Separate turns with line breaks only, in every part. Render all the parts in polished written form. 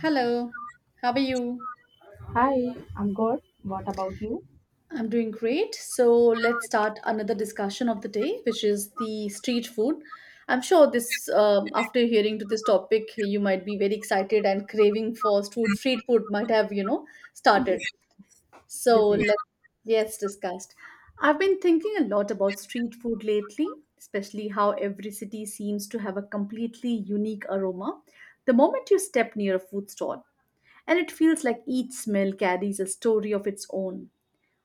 Hello, how are you?
Hi, I'm good. What about you?
I'm doing great. So let's start another discussion of the day, which is the street food. I'm sure this, after hearing to this topic, you might be very excited and craving for street food might have started. So
Definitely.
let's yes, discussed. I've been thinking a lot about street food lately, especially how every city seems to have a completely unique aroma the moment you step near a food stall. And it feels like each smell carries a story of its own.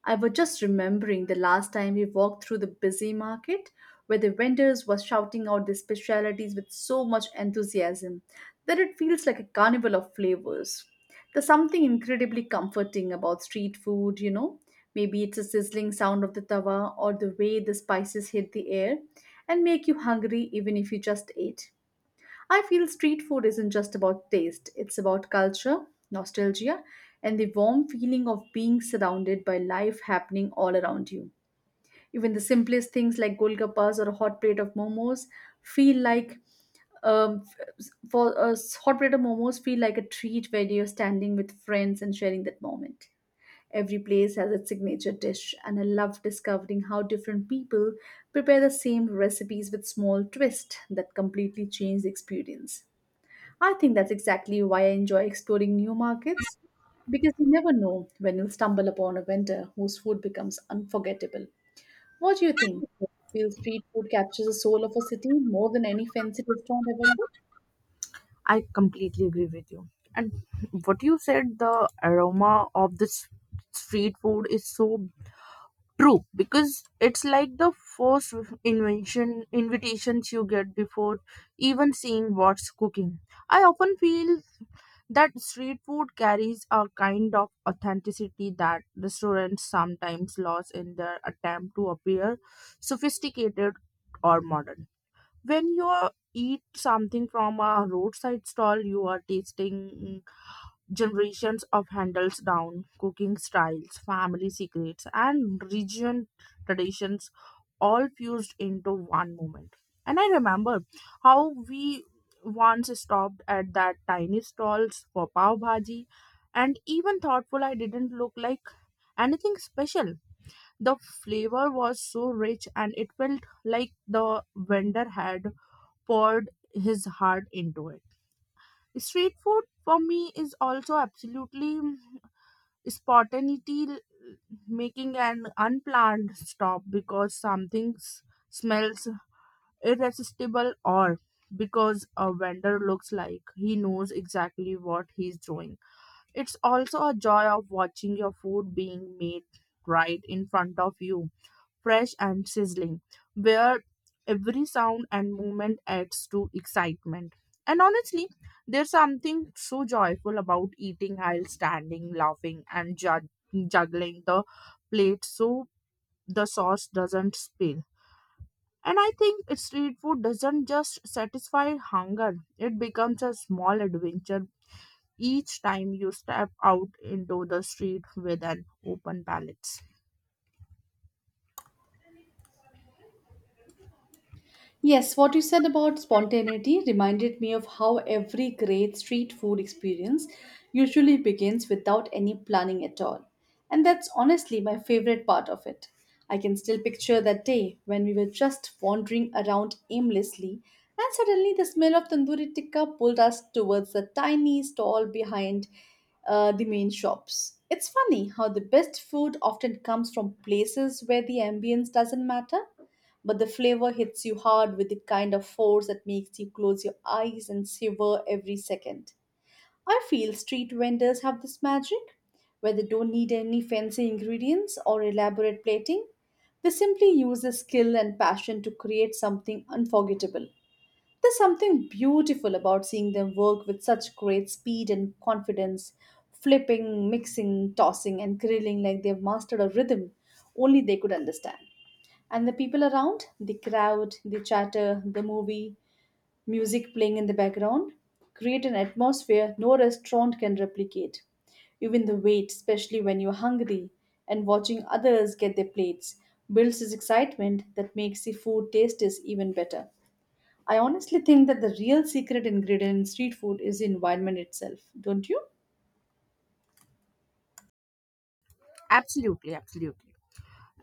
I was just remembering the last time we walked through the busy market where the vendors were shouting out their specialities with so much enthusiasm that it feels like a carnival of flavors. There's something incredibly comforting about street food. Maybe it's the sizzling sound of the tawa or the way the spices hit the air and make you hungry even if you just ate. I feel street food isn't just about taste, it's about culture, nostalgia, and the warm feeling of being surrounded by life happening all around you. Even the simplest things like golgappas or a hot plate of momos feel like um, f- for a hot plate of momos feel like a treat where you're standing with friends and sharing that moment. Every place has its signature dish, and I love discovering how different people prepare the same recipes with small twists that completely change the experience. I think that's exactly why I enjoy exploring new markets because you never know when you'll stumble upon a vendor whose food becomes unforgettable. What do you think? Do you feel street food captures the soul of a city more than any fancy restaurant ever could?
I completely agree with you. And what you said, the aroma of this street food is so true because it's like the first invention invitations you get before even seeing what's cooking. I often feel that street food carries a kind of authenticity that restaurants sometimes lose in their attempt to appear sophisticated or modern. When you eat something from a roadside stall, you are tasting generations of handles down cooking styles, family secrets, and region traditions, all fused into one moment. And I remember how we once stopped at that tiny stalls for pav bhaji, and even thoughtful I didn't look like anything special, the flavor was so rich, and it felt like the vendor had poured his heart into it. Street food for me is also absolutely spontaneity, making an unplanned stop because something smells irresistible, or because a vendor looks like he knows exactly what he's doing. It's also a joy of watching your food being made right in front of you, fresh and sizzling, where every sound and movement adds to excitement. And honestly, there's something so joyful about eating while standing, laughing, and juggling the plate so the sauce doesn't spill. And I think street food doesn't just satisfy hunger, it becomes a small adventure each time you step out into the street with an open palate.
Yes, what you said about spontaneity reminded me of how every great street food experience usually begins without any planning at all. And that's honestly my favorite part of it. I can still picture that day when we were just wandering around aimlessly and suddenly the smell of tandoori tikka pulled us towards a tiny stall behind the main shops. It's funny how the best food often comes from places where the ambience doesn't matter but the flavor hits you hard with the kind of force that makes you close your eyes and shiver every second. I feel street vendors have this magic where they don't need any fancy ingredients or elaborate plating. They simply use their skill and passion to create something unforgettable. There's something beautiful about seeing them work with such great speed and confidence, flipping, mixing, tossing, and grilling like they've mastered a rhythm only they could understand. And the people around, the crowd, the chatter, the movie, music playing in the background, create an atmosphere no restaurant can replicate. Even the wait, especially when you're hungry, and watching others get their plates, builds this excitement that makes the food taste is even better. I honestly think that the real secret ingredient in street food is the environment itself, don't you?
Absolutely, absolutely.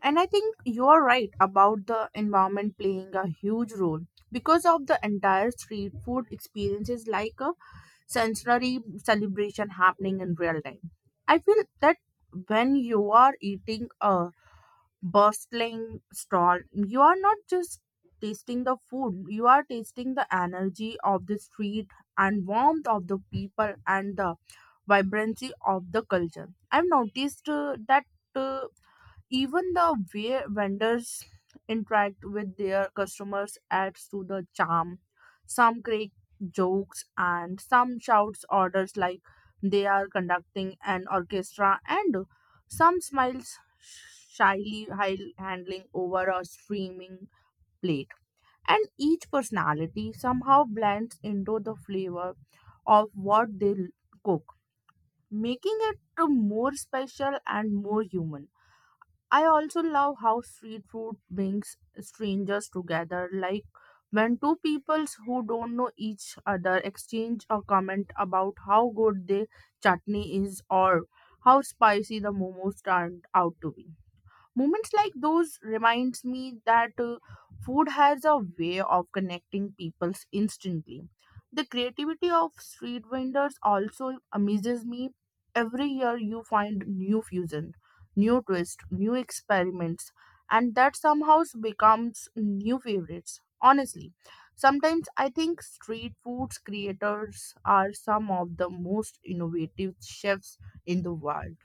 And I think you are right about the environment playing a huge role because of the entire street food experiences like a sensory celebration happening in real time. I feel that when you are eating a bustling stall, you are not just tasting the food, you are tasting the energy of the street, and warmth of the people, and the vibrancy of the culture. I've noticed that. uh, Even the way vendors interact with their customers adds to the charm. Some crack jokes and some shouts orders like they are conducting an orchestra, and some smiles shyly handling over a streaming plate. And each personality somehow blends into the flavor of what they cook, making it more special and more human. I also love how street food brings strangers together. Like when two peoples who don't know each other exchange a comment about how good the chutney is, or how spicy the momos turned out to be, moments like those reminds me that food has a way of connecting people instantly. The creativity of street vendors also amazes me. Every year you find new fusion, new twist, new experiments, and that somehow becomes new favorites. Honestly, sometimes I think street foods creators are some of the most innovative chefs in the world.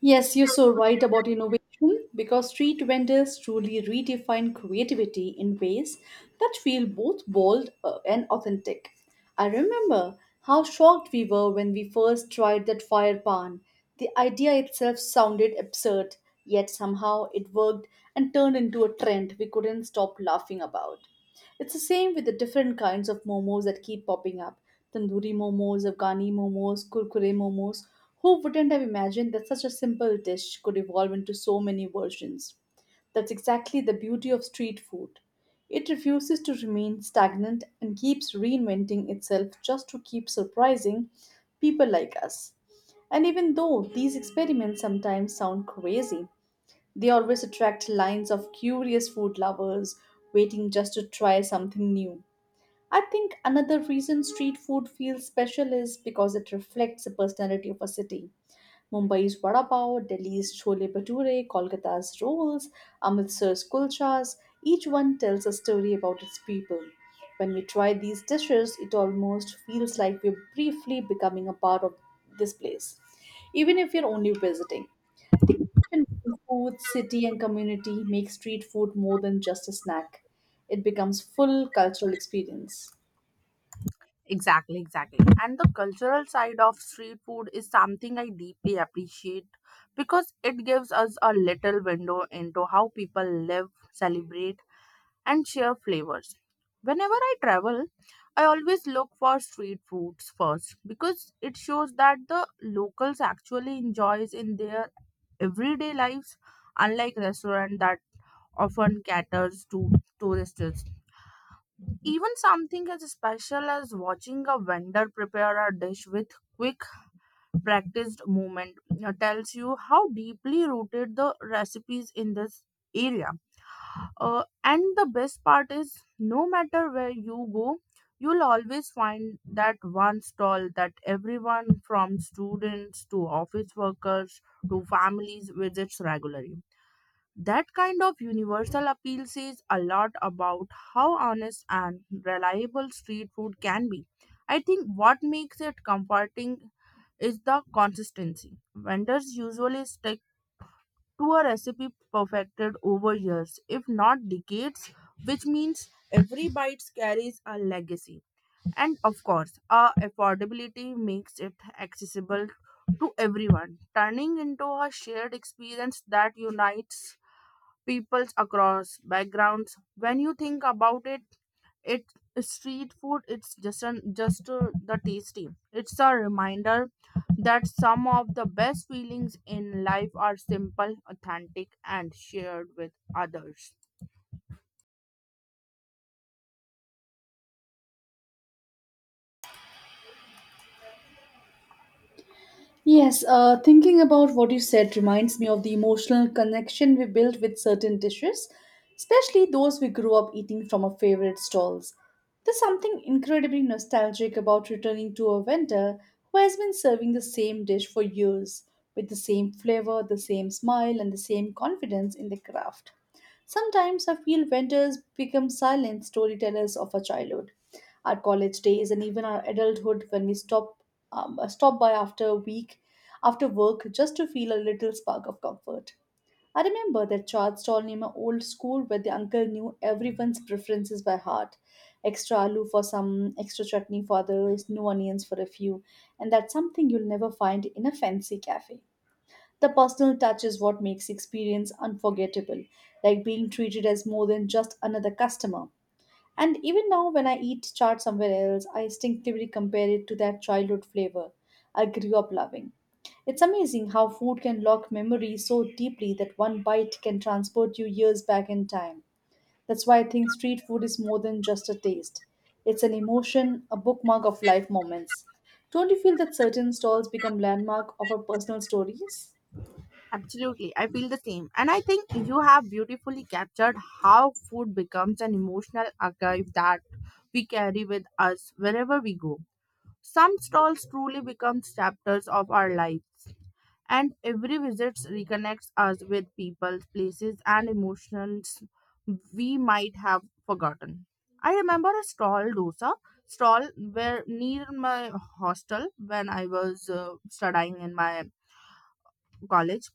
Yes, you're so right about innovation because street vendors truly redefine creativity in ways that feel both bold and authentic. I remember how shocked we were when we first tried that fire pan. The idea itself sounded absurd, yet somehow it worked and turned into a trend we couldn't stop laughing about. It's the same with the different kinds of momos that keep popping up. Tandoori momos, Afghani momos, kurkure momos. Who wouldn't have imagined that such a simple dish could evolve into so many versions? That's exactly the beauty of street food. It refuses to remain stagnant and keeps reinventing itself just to keep surprising people like us. And even though these experiments sometimes sound crazy, they always attract lines of curious food lovers waiting just to try something new. I think another reason street food feels special is because it reflects the personality of a city. Mumbai's vada pav, Delhi's chole bhature, Kolkata's rolls, Amritsar's kulchas, each one tells a story about its people. When we try these dishes, it almost feels like we're briefly becoming a part of this place, even if you're only visiting. The connection between food, city, and community makes street food more than just a snack. It becomes full cultural experience.
Exactly, exactly. And the cultural side of street food is something I deeply appreciate because it gives us a little window into how people live, celebrate, and share flavors. Whenever I travel, I always look for street foods first because it shows that the locals actually enjoys in their everyday lives, unlike restaurant that often caters to tourists. Even something as special as watching a vendor prepare a dish with quick practiced movement tells you how deeply rooted the recipes in this area. And the best part is no matter where you go, you'll always find that one stall that everyone from students to office workers to families visits regularly. That kind of universal appeal says a lot about how honest and reliable street food can be. I think what makes it comforting is the consistency. Vendors usually stick to a recipe perfected over years, if not decades, which means every bite carries a legacy. And of course, our affordability makes it accessible to everyone, turning into a shared experience that unites peoples across backgrounds. When you think about it, it street food it's just the tasty. It's a reminder that some of the best feelings in life are simple, authentic, and shared with others.
Yes, thinking about what you said reminds me of the emotional connection we built with certain dishes, especially those we grew up eating from our favorite stalls. There's something incredibly nostalgic about returning to a vendor who has been serving the same dish for years, with the same flavor, the same smile, and the same confidence in the craft. Sometimes I feel vendors become silent storytellers of our childhood, our college days, and even our adulthood when we stop by after a week after work just to feel a little spark of comfort. I remember that chaat stall near my old school where the uncle knew everyone's preferences by heart. Extra aloo for some, extra chutney for others, no onions for a few, and that's something you'll never find in a fancy cafe. The personal touch is what makes the experience unforgettable, like being treated as more than just another customer. And even now, when I eat chaat somewhere else, I instinctively compare it to that childhood flavor I grew up loving. It's amazing how food can lock memories so deeply that one bite can transport you years back in time. That's why I think street food is more than just a taste. It's an emotion, a bookmark of life moments. Don't you feel that certain stalls become landmark of our personal stories?
Absolutely, I feel the same. And I think you have beautifully captured how food becomes an emotional archive that we carry with us wherever we go. Some stalls truly become chapters of our life, and every visit reconnects us with people, places, and emotions we might have forgotten. I remember a stall dosa stall where near my hostel when I was studying in my college,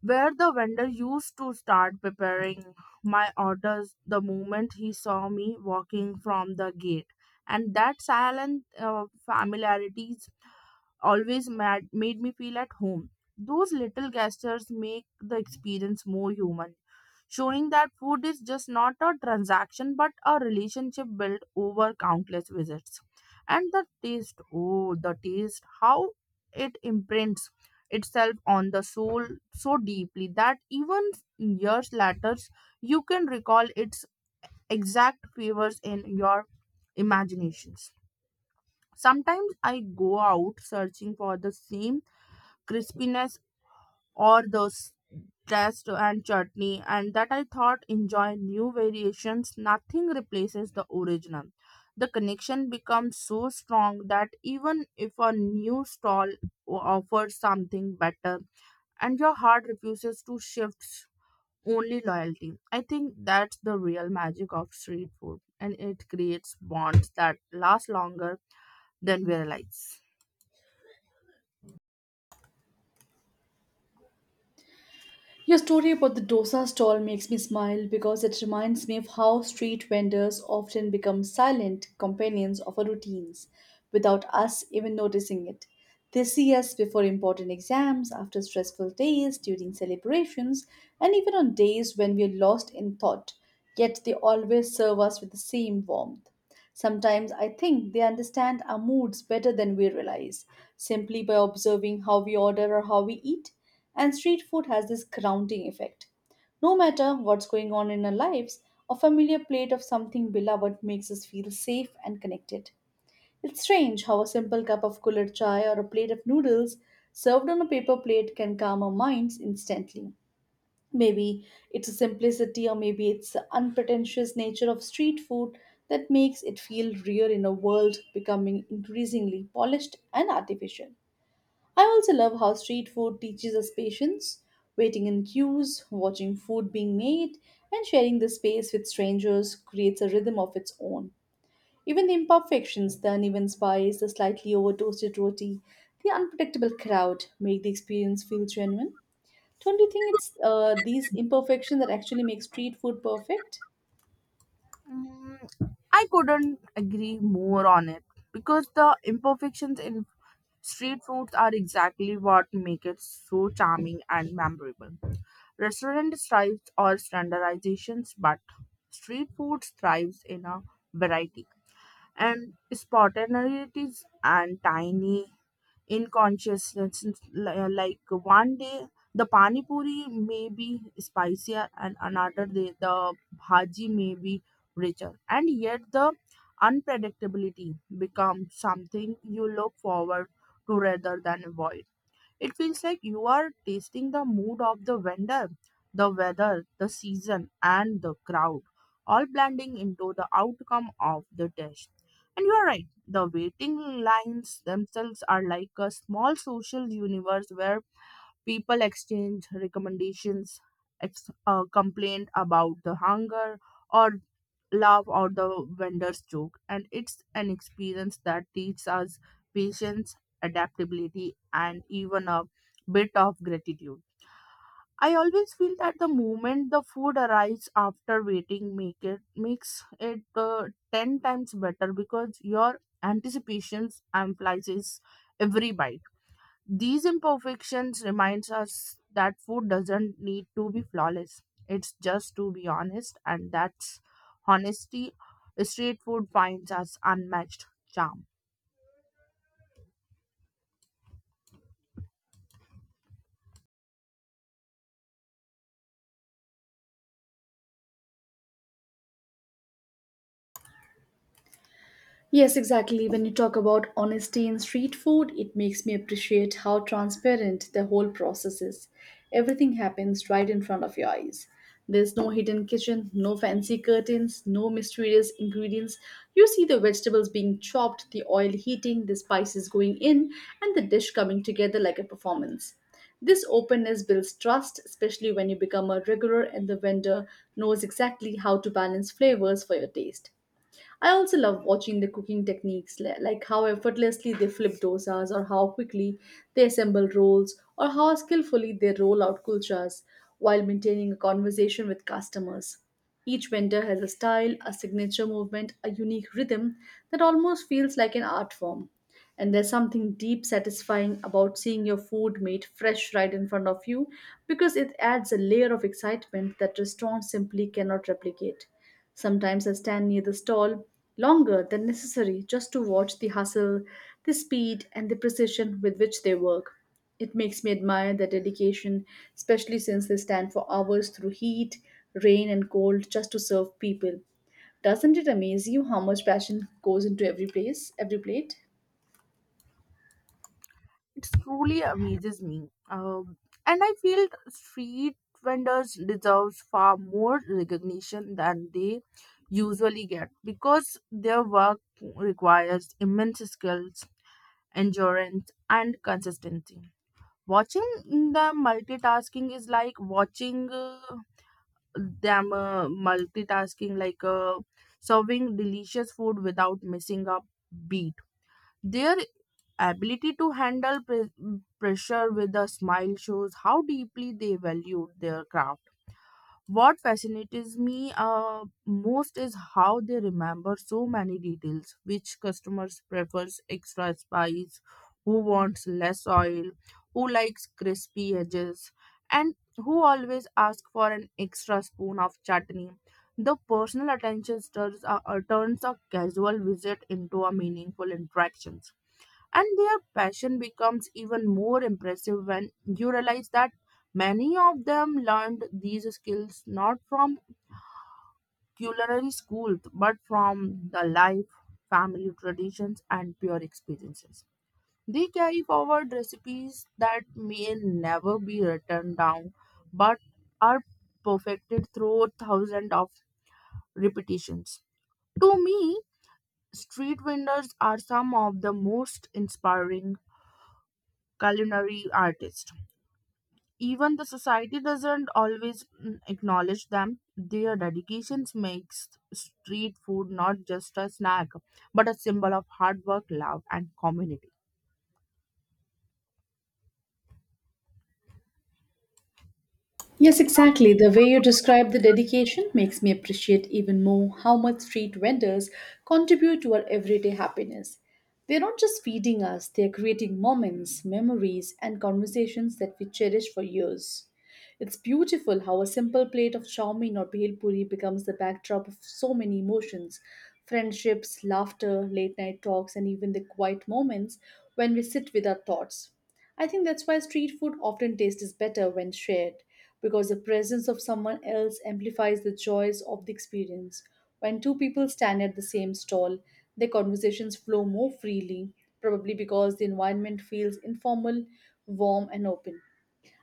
where the vendor used to start preparing my orders the moment he saw me walking from the gate. And that silent familiarity always made me feel at home. Those little gestures make the experience more human, showing that food is just not a transaction but a relationship built over countless visits. And the taste, oh, the taste, how it imprints itself on the soul so deeply that even years later, you can recall its exact flavors in your imaginations. Sometimes I go out searching for the same crispiness, or those dust and chutney, and that I thought enjoy new variations. Nothing replaces the original. The connection becomes so strong that even if a new stall offers something better, and your heart refuses to shift only loyalty. I think that's the real magic of street food, and it creates bonds that last longer than we realize.
Your story about the dosa stall makes me smile because it reminds me of how street vendors often become silent companions of our routines without us even noticing it. They see us before important exams, after stressful days, during celebrations, and even on days when we are lost in thought, yet they always serve us with the same warmth. Sometimes I think they understand our moods better than we realize, simply by observing how we order or how we eat. And street food has this grounding effect. No matter what's going on in our lives, a familiar plate of something beloved makes us feel safe and connected. It's strange how a simple cup of cooler chai or a plate of noodles served on a paper plate can calm our minds instantly. Maybe it's a simplicity or maybe it's the unpretentious nature of street food that makes it feel real in a world becoming increasingly polished and artificial. I also love how street food teaches us patience, waiting in queues, watching food being made, and sharing the space with strangers creates a rhythm of its own. Even the imperfections, the uneven spice, the slightly over toasted roti, the unpredictable crowd make the experience feel genuine. Don't you think it's these imperfections that actually make street food perfect?
Mm, I couldn't agree more on it because the imperfections in street foods are exactly what make it so charming and memorable. Restaurant thrives on standardizations, but street foods thrives in a variety and spontaneities and tiny in consciousness. Like one day the pani puri may be spicier, and another day the bhaji may be richer. And yet the unpredictability becomes something you look forward to rather than avoid. It feels like you are tasting the mood of the vendor, the weather, the season, and the crowd, all blending into the outcome of the dish. And you are right, the waiting lines themselves are like a small social universe where people exchange recommendations, complaint about the hunger, or laugh out the vendor's joke, and it's an experience that teaches us patience, adaptability, and even a bit of gratitude. I always feel that the moment the food arrives after waiting makes it 10 times better because your anticipations amplifies every bite. These imperfections reminds us that food doesn't need to be flawless. It's just to be honest, and that's honesty. Street food finds us unmatched charm.
Yes, exactly. When you talk about honesty in street food, it makes me appreciate how transparent the whole process is. Everything happens right in front of your eyes. There's no hidden kitchen, no fancy curtains, no mysterious ingredients. You see the vegetables being chopped, the oil heating, the spices going in, and the dish coming together like a performance. This openness builds trust, especially when you become a regular and the vendor knows exactly how to balance flavors for your taste. I also love watching the cooking techniques, like how effortlessly they flip dosas, or how quickly they assemble rolls, or how skillfully they roll out kulchas while maintaining a conversation with customers. Each vendor has a style, a signature movement, a unique rhythm that almost feels like an art form. And there's something deep satisfying about seeing your food made fresh right in front of you because it adds a layer of excitement that restaurants simply cannot replicate. Sometimes I stand near the stall longer than necessary just to watch the hustle, the speed, and the precision with which they work. It makes me admire their dedication, especially since they stand for hours through heat, rain, and cold just to serve people. Doesn't it amaze you how much passion goes into every place, every plate?
It truly amazes me, and I feel street vendors deserves far more recognition than they usually get because their work requires immense skills, endurance, and consistency. Watching them multitasking is like watching them multitasking, like serving delicious food without missing a beat. Their ability to handle pressure with a smile shows how deeply they value their craft. What fascinates me most is how they remember so many details, which customers prefers extra spice, who wants less oil, who likes crispy edges, and who always ask for an extra spoon of chutney. The personal attention turns a casual visit into a meaningful interaction. And their passion becomes even more impressive when you realize that many of them learned these skills not from culinary schools but from the life, family traditions, and pure experiences. They carry forward recipes that may never be written down but are perfected through thousands of repetitions. To me, street vendors are some of the most inspiring culinary artists. Even the society doesn't always acknowledge them. Their dedications makes street food not just a snack, but a symbol of hard work, love, and community.
Yes, exactly. The way you describe the dedication makes me appreciate even more how much street vendors contribute to our everyday happiness. They're not just feeding us, they're creating moments, memories, and conversations that we cherish for years. It's beautiful how a simple plate of chow mein or bhel puri becomes the backdrop of so many emotions friendships, laughter, late night talks, and even the quiet moments when we sit with our thoughts. I think that's why street food often tastes better when shared, because the presence of someone else amplifies the joys of the experience. When two people stand at the same stall, their conversations flow more freely, probably because the environment feels informal, warm, and open.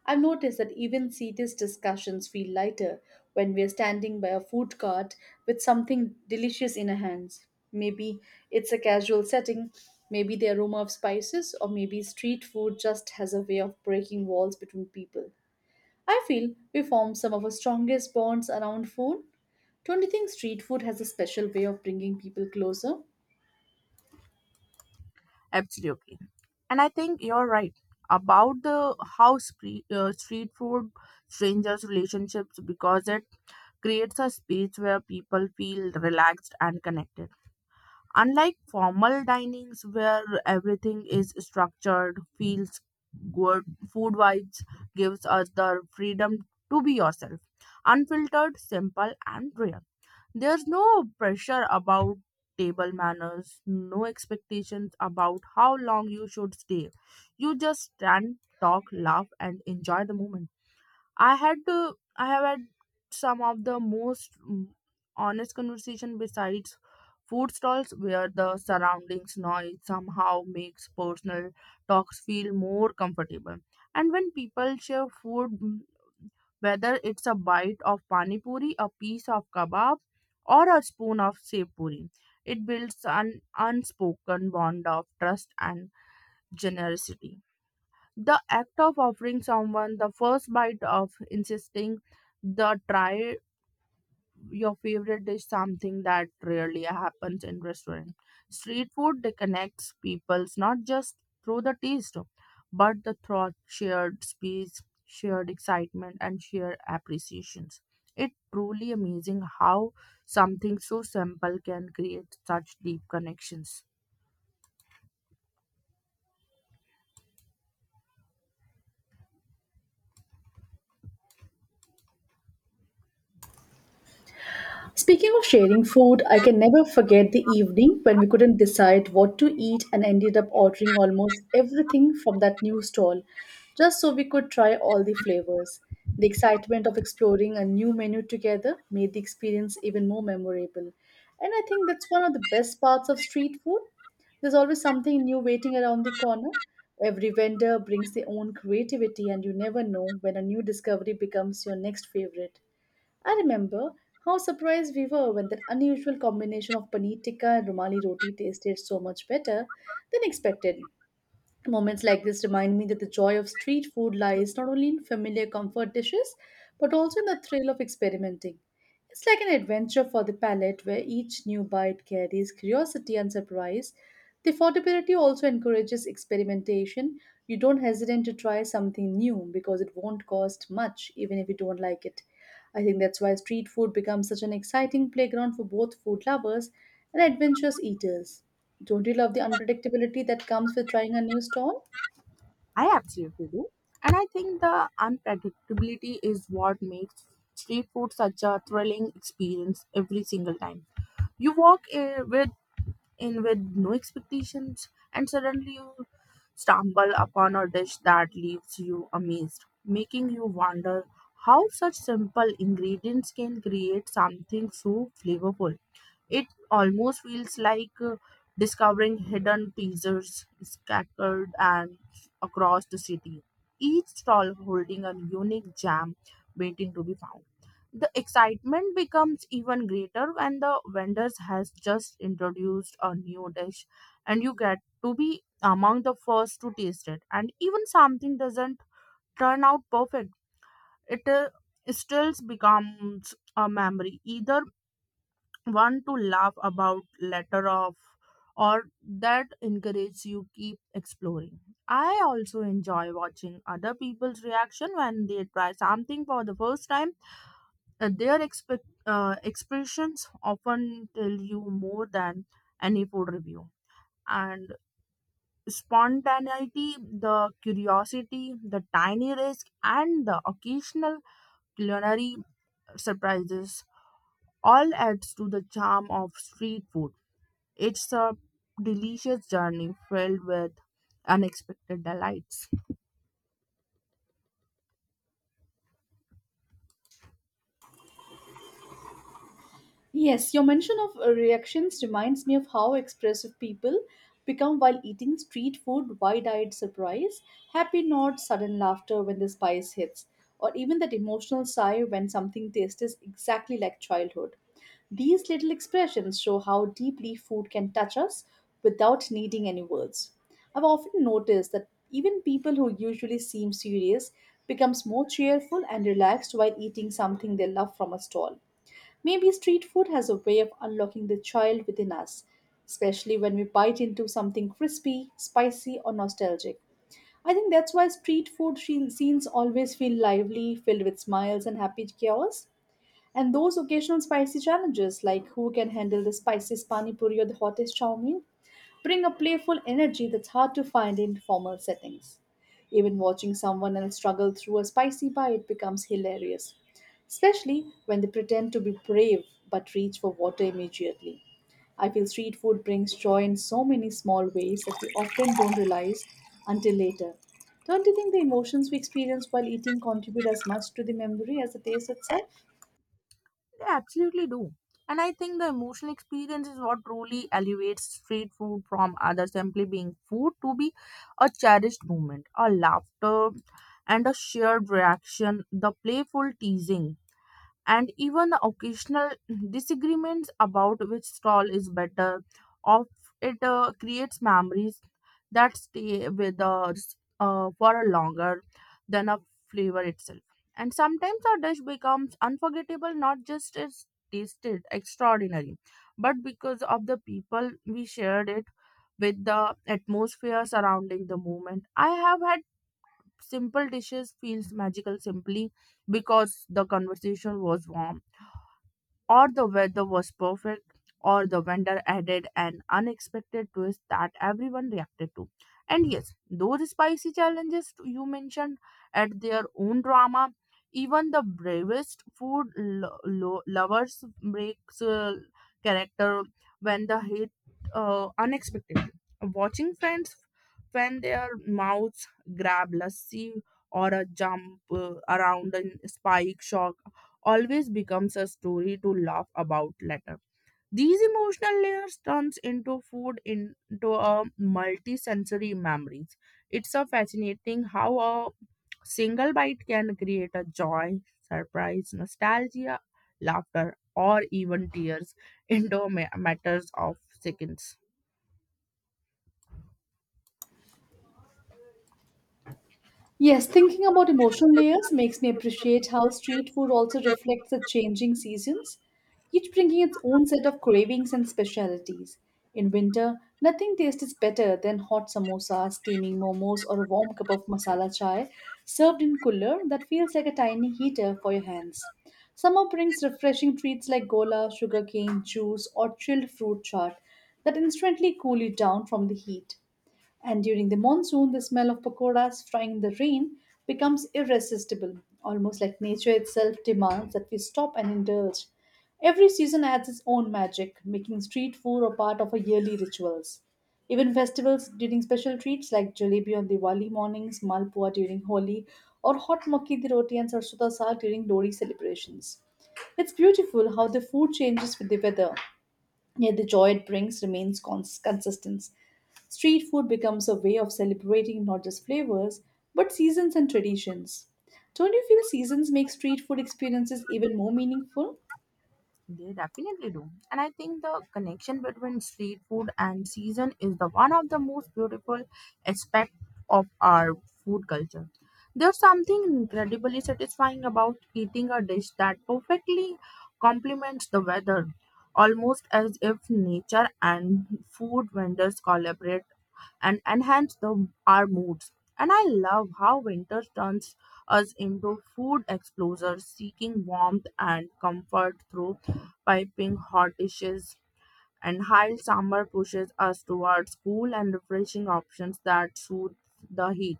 I've noticed that even serious discussions feel lighter when we're standing by a food cart with something delicious in our hands. Maybe it's a casual setting, maybe the aroma of spices, or maybe street food just has a way of breaking walls between people. I feel we form some of our strongest bonds around food. Don't you think street food has a special way of bringing people closer?
Absolutely, and I think you're right about the how street food strangers relationships because it creates a space where people feel relaxed and connected. Unlike formal dinings where everything is structured, feels good, food vibes gives us the freedom to be yourself. Unfiltered, simple, and real. There's no pressure about table manners, no expectations about how long you should stay. You just stand, talk, laugh, and enjoy the moment. I have had some of the most honest conversation besides food stalls where the surroundings noise somehow makes personal talks feel more comfortable. And when people share food, whether it's a bite of pani puri, a piece of kebab, or a spoon of sev puri, it builds an unspoken bond of trust and generosity. The act of offering someone the first bite of insisting the try your favorite dish something that rarely happens in restaurant. Street food they connects peoples not just through the taste, but the thought, shared space, shared excitement and shared appreciations. It truly amazing how something so simple can create such deep connections.
Speaking of sharing food, I can never forget the evening when we couldn't decide what to eat and ended up ordering almost everything from that new stall just so we could try all the flavors. The excitement of exploring a new menu together made the experience even more memorable. And I think that's one of the best parts of street food. There's always something new waiting around the corner. Every vendor brings their own creativity, and you never know when a new discovery becomes your next favorite. I remember how surprised we were when that unusual combination of paneer tikka and rumali roti tasted so much better than expected. Moments like this remind me that the joy of street food lies not only in familiar comfort dishes but also in the thrill of experimenting. It's like an adventure for the palate where each new bite carries curiosity and surprise. The affordability also encourages experimentation. You don't hesitate to try something new because it won't cost much even if you don't like it. I think that's why street food becomes such an exciting playground for both food lovers and adventurous eaters. Don't you love the unpredictability that comes with trying a new stall?
I absolutely do. And I think the unpredictability is what makes street food such a thrilling experience every single time. You walk in with no expectations and suddenly you stumble upon a dish that leaves you amazed, making you wonder how such simple ingredients can create something so flavorful. It almost feels like discovering hidden teasers scattered and across the city, each stall holding a unique gem waiting to be found. The excitement becomes even greater when the vendors has just introduced a new dish and you get to be among the first to taste it, and even something doesn't turn out perfect, it still becomes a memory, either one to laugh about later off or that encourages you keep exploring. I also enjoy watching other people's reaction when they try something for the first time. Their expe expressions often tell you more than any food review. And spontaneity, the curiosity, the tiny risk, and the occasional culinary surprises all adds to the charm of street food. It's a delicious journey filled with unexpected delights.
Yes, your mention of reactions reminds me of how expressive people become while eating street food, wide eyed surprise, happy nods, sudden laughter when the spice hits, or even that emotional sigh when something tastes exactly like childhood. These little expressions show how deeply food can touch us without needing any words. I've often noticed that even people who usually seem serious becomes more cheerful and relaxed while eating something they love from a stall. Maybe street food has a way of unlocking the child within us, especially when we bite into something crispy, spicy, or nostalgic. I think that's why street food scenes always feel lively, filled with smiles and happy chaos. And those occasional spicy challenges, like who can handle the spiciest pani puri or the hottest chow mein, bring a playful energy that's hard to find in formal settings. Even watching someone else struggle through a spicy bite becomes hilarious, especially when they pretend to be brave but reach for water immediately. I feel street food brings joy in so many small ways that we often don't realize until later. Don't you think the emotions we experience while eating contribute as much to the memory as the taste itself?
They absolutely do. And I think the emotional experience is what truly elevates street food from other simply being food to be a cherished moment, a laughter and a shared reaction, the playful teasing and even the occasional disagreements about which stall is better of it creates memories that stay with us for a longer than a flavor itself. And sometimes a dish becomes unforgettable not just as tasted extraordinary, but because of the people we shared it with, the atmosphere surrounding the moment. I have had simple dishes feels magical simply because the conversation was warm, or the weather was perfect, or the vendor added an unexpected twist that everyone reacted to. And yes, those spicy challenges you mentioned add their own drama. Even the bravest food lovers breaks character when the hit unexpectedly. Watching friends when their mouths grab lassi or a jump around a spike shock always becomes a story to laugh about later. These emotional layers turns into food into a multi-sensory memories. It's a fascinating how a single bite can create a joy, surprise, nostalgia, laughter, or even tears into matters of seconds.
Yes, thinking about emotional layers makes me appreciate how street food also reflects the changing seasons, each bringing its own set of cravings and specialities. In winter, nothing tastes better than hot samosas, steaming momos, or a warm cup of masala chai served in cooler that feels like a tiny heater for your hands. Summer brings refreshing treats like gola, sugarcane juice, or chilled fruit chaat that instantly cool you down from the heat. And during the monsoon, the smell of pakoras frying in the rain becomes irresistible, almost like nature itself demands that we stop and indulge. Every season adds its own magic, making street food a part of our yearly rituals. Even festivals during special treats like jalebi on Diwali mornings, malpua during Holi, or hot makki di roti and sarsoda saag during Lodi celebrations. It's beautiful how the food changes with the weather, yet the joy it brings remains consistent. Street food becomes a way of celebrating not just flavors, but seasons and traditions. Don't you feel seasons make street food experiences even more meaningful?
They definitely do. And I think the connection between street food and season is the one of the most beautiful aspect of our food culture. There's something incredibly satisfying about eating a dish that perfectly complements the weather, almost as if nature and food vendors collaborate and enhance the, our moods. And I love how winter turns us into food explorers seeking warmth and comfort through piping hot dishes, and high summer pushes us towards cool and refreshing options that soothe the heat.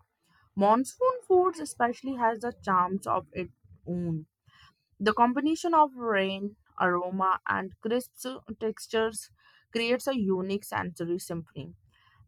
Monsoon foods especially has the charms of its own. The combination of rain, aroma, and crisp textures creates a unique sensory symphony.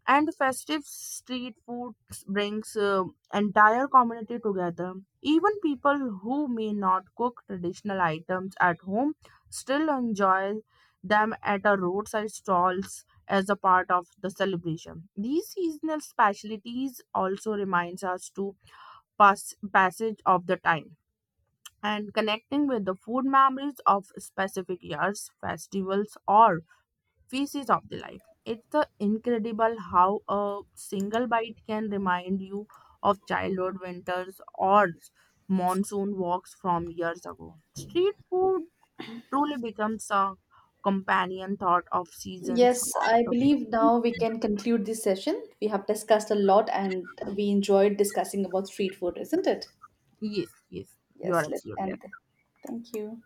And festive street food brings entire community together. Even people who may not cook traditional items at home still enjoy them at a roadside stalls as a part of the celebration. These seasonal specialties also reminds us to passage of the time and connecting with the food memories of specific years, festivals, or feces of the life. It's the incredible how a single bite can remind you of childhood winters or monsoon walks from years ago. Street food truly becomes a companion thought of seasons
Yes,
of
I believe
the
now we can conclude this session. We have discussed a lot and we enjoyed discussing about street food, isn't it?
yes, yes, you are
Yes, let's
absolutely
end. Thank you.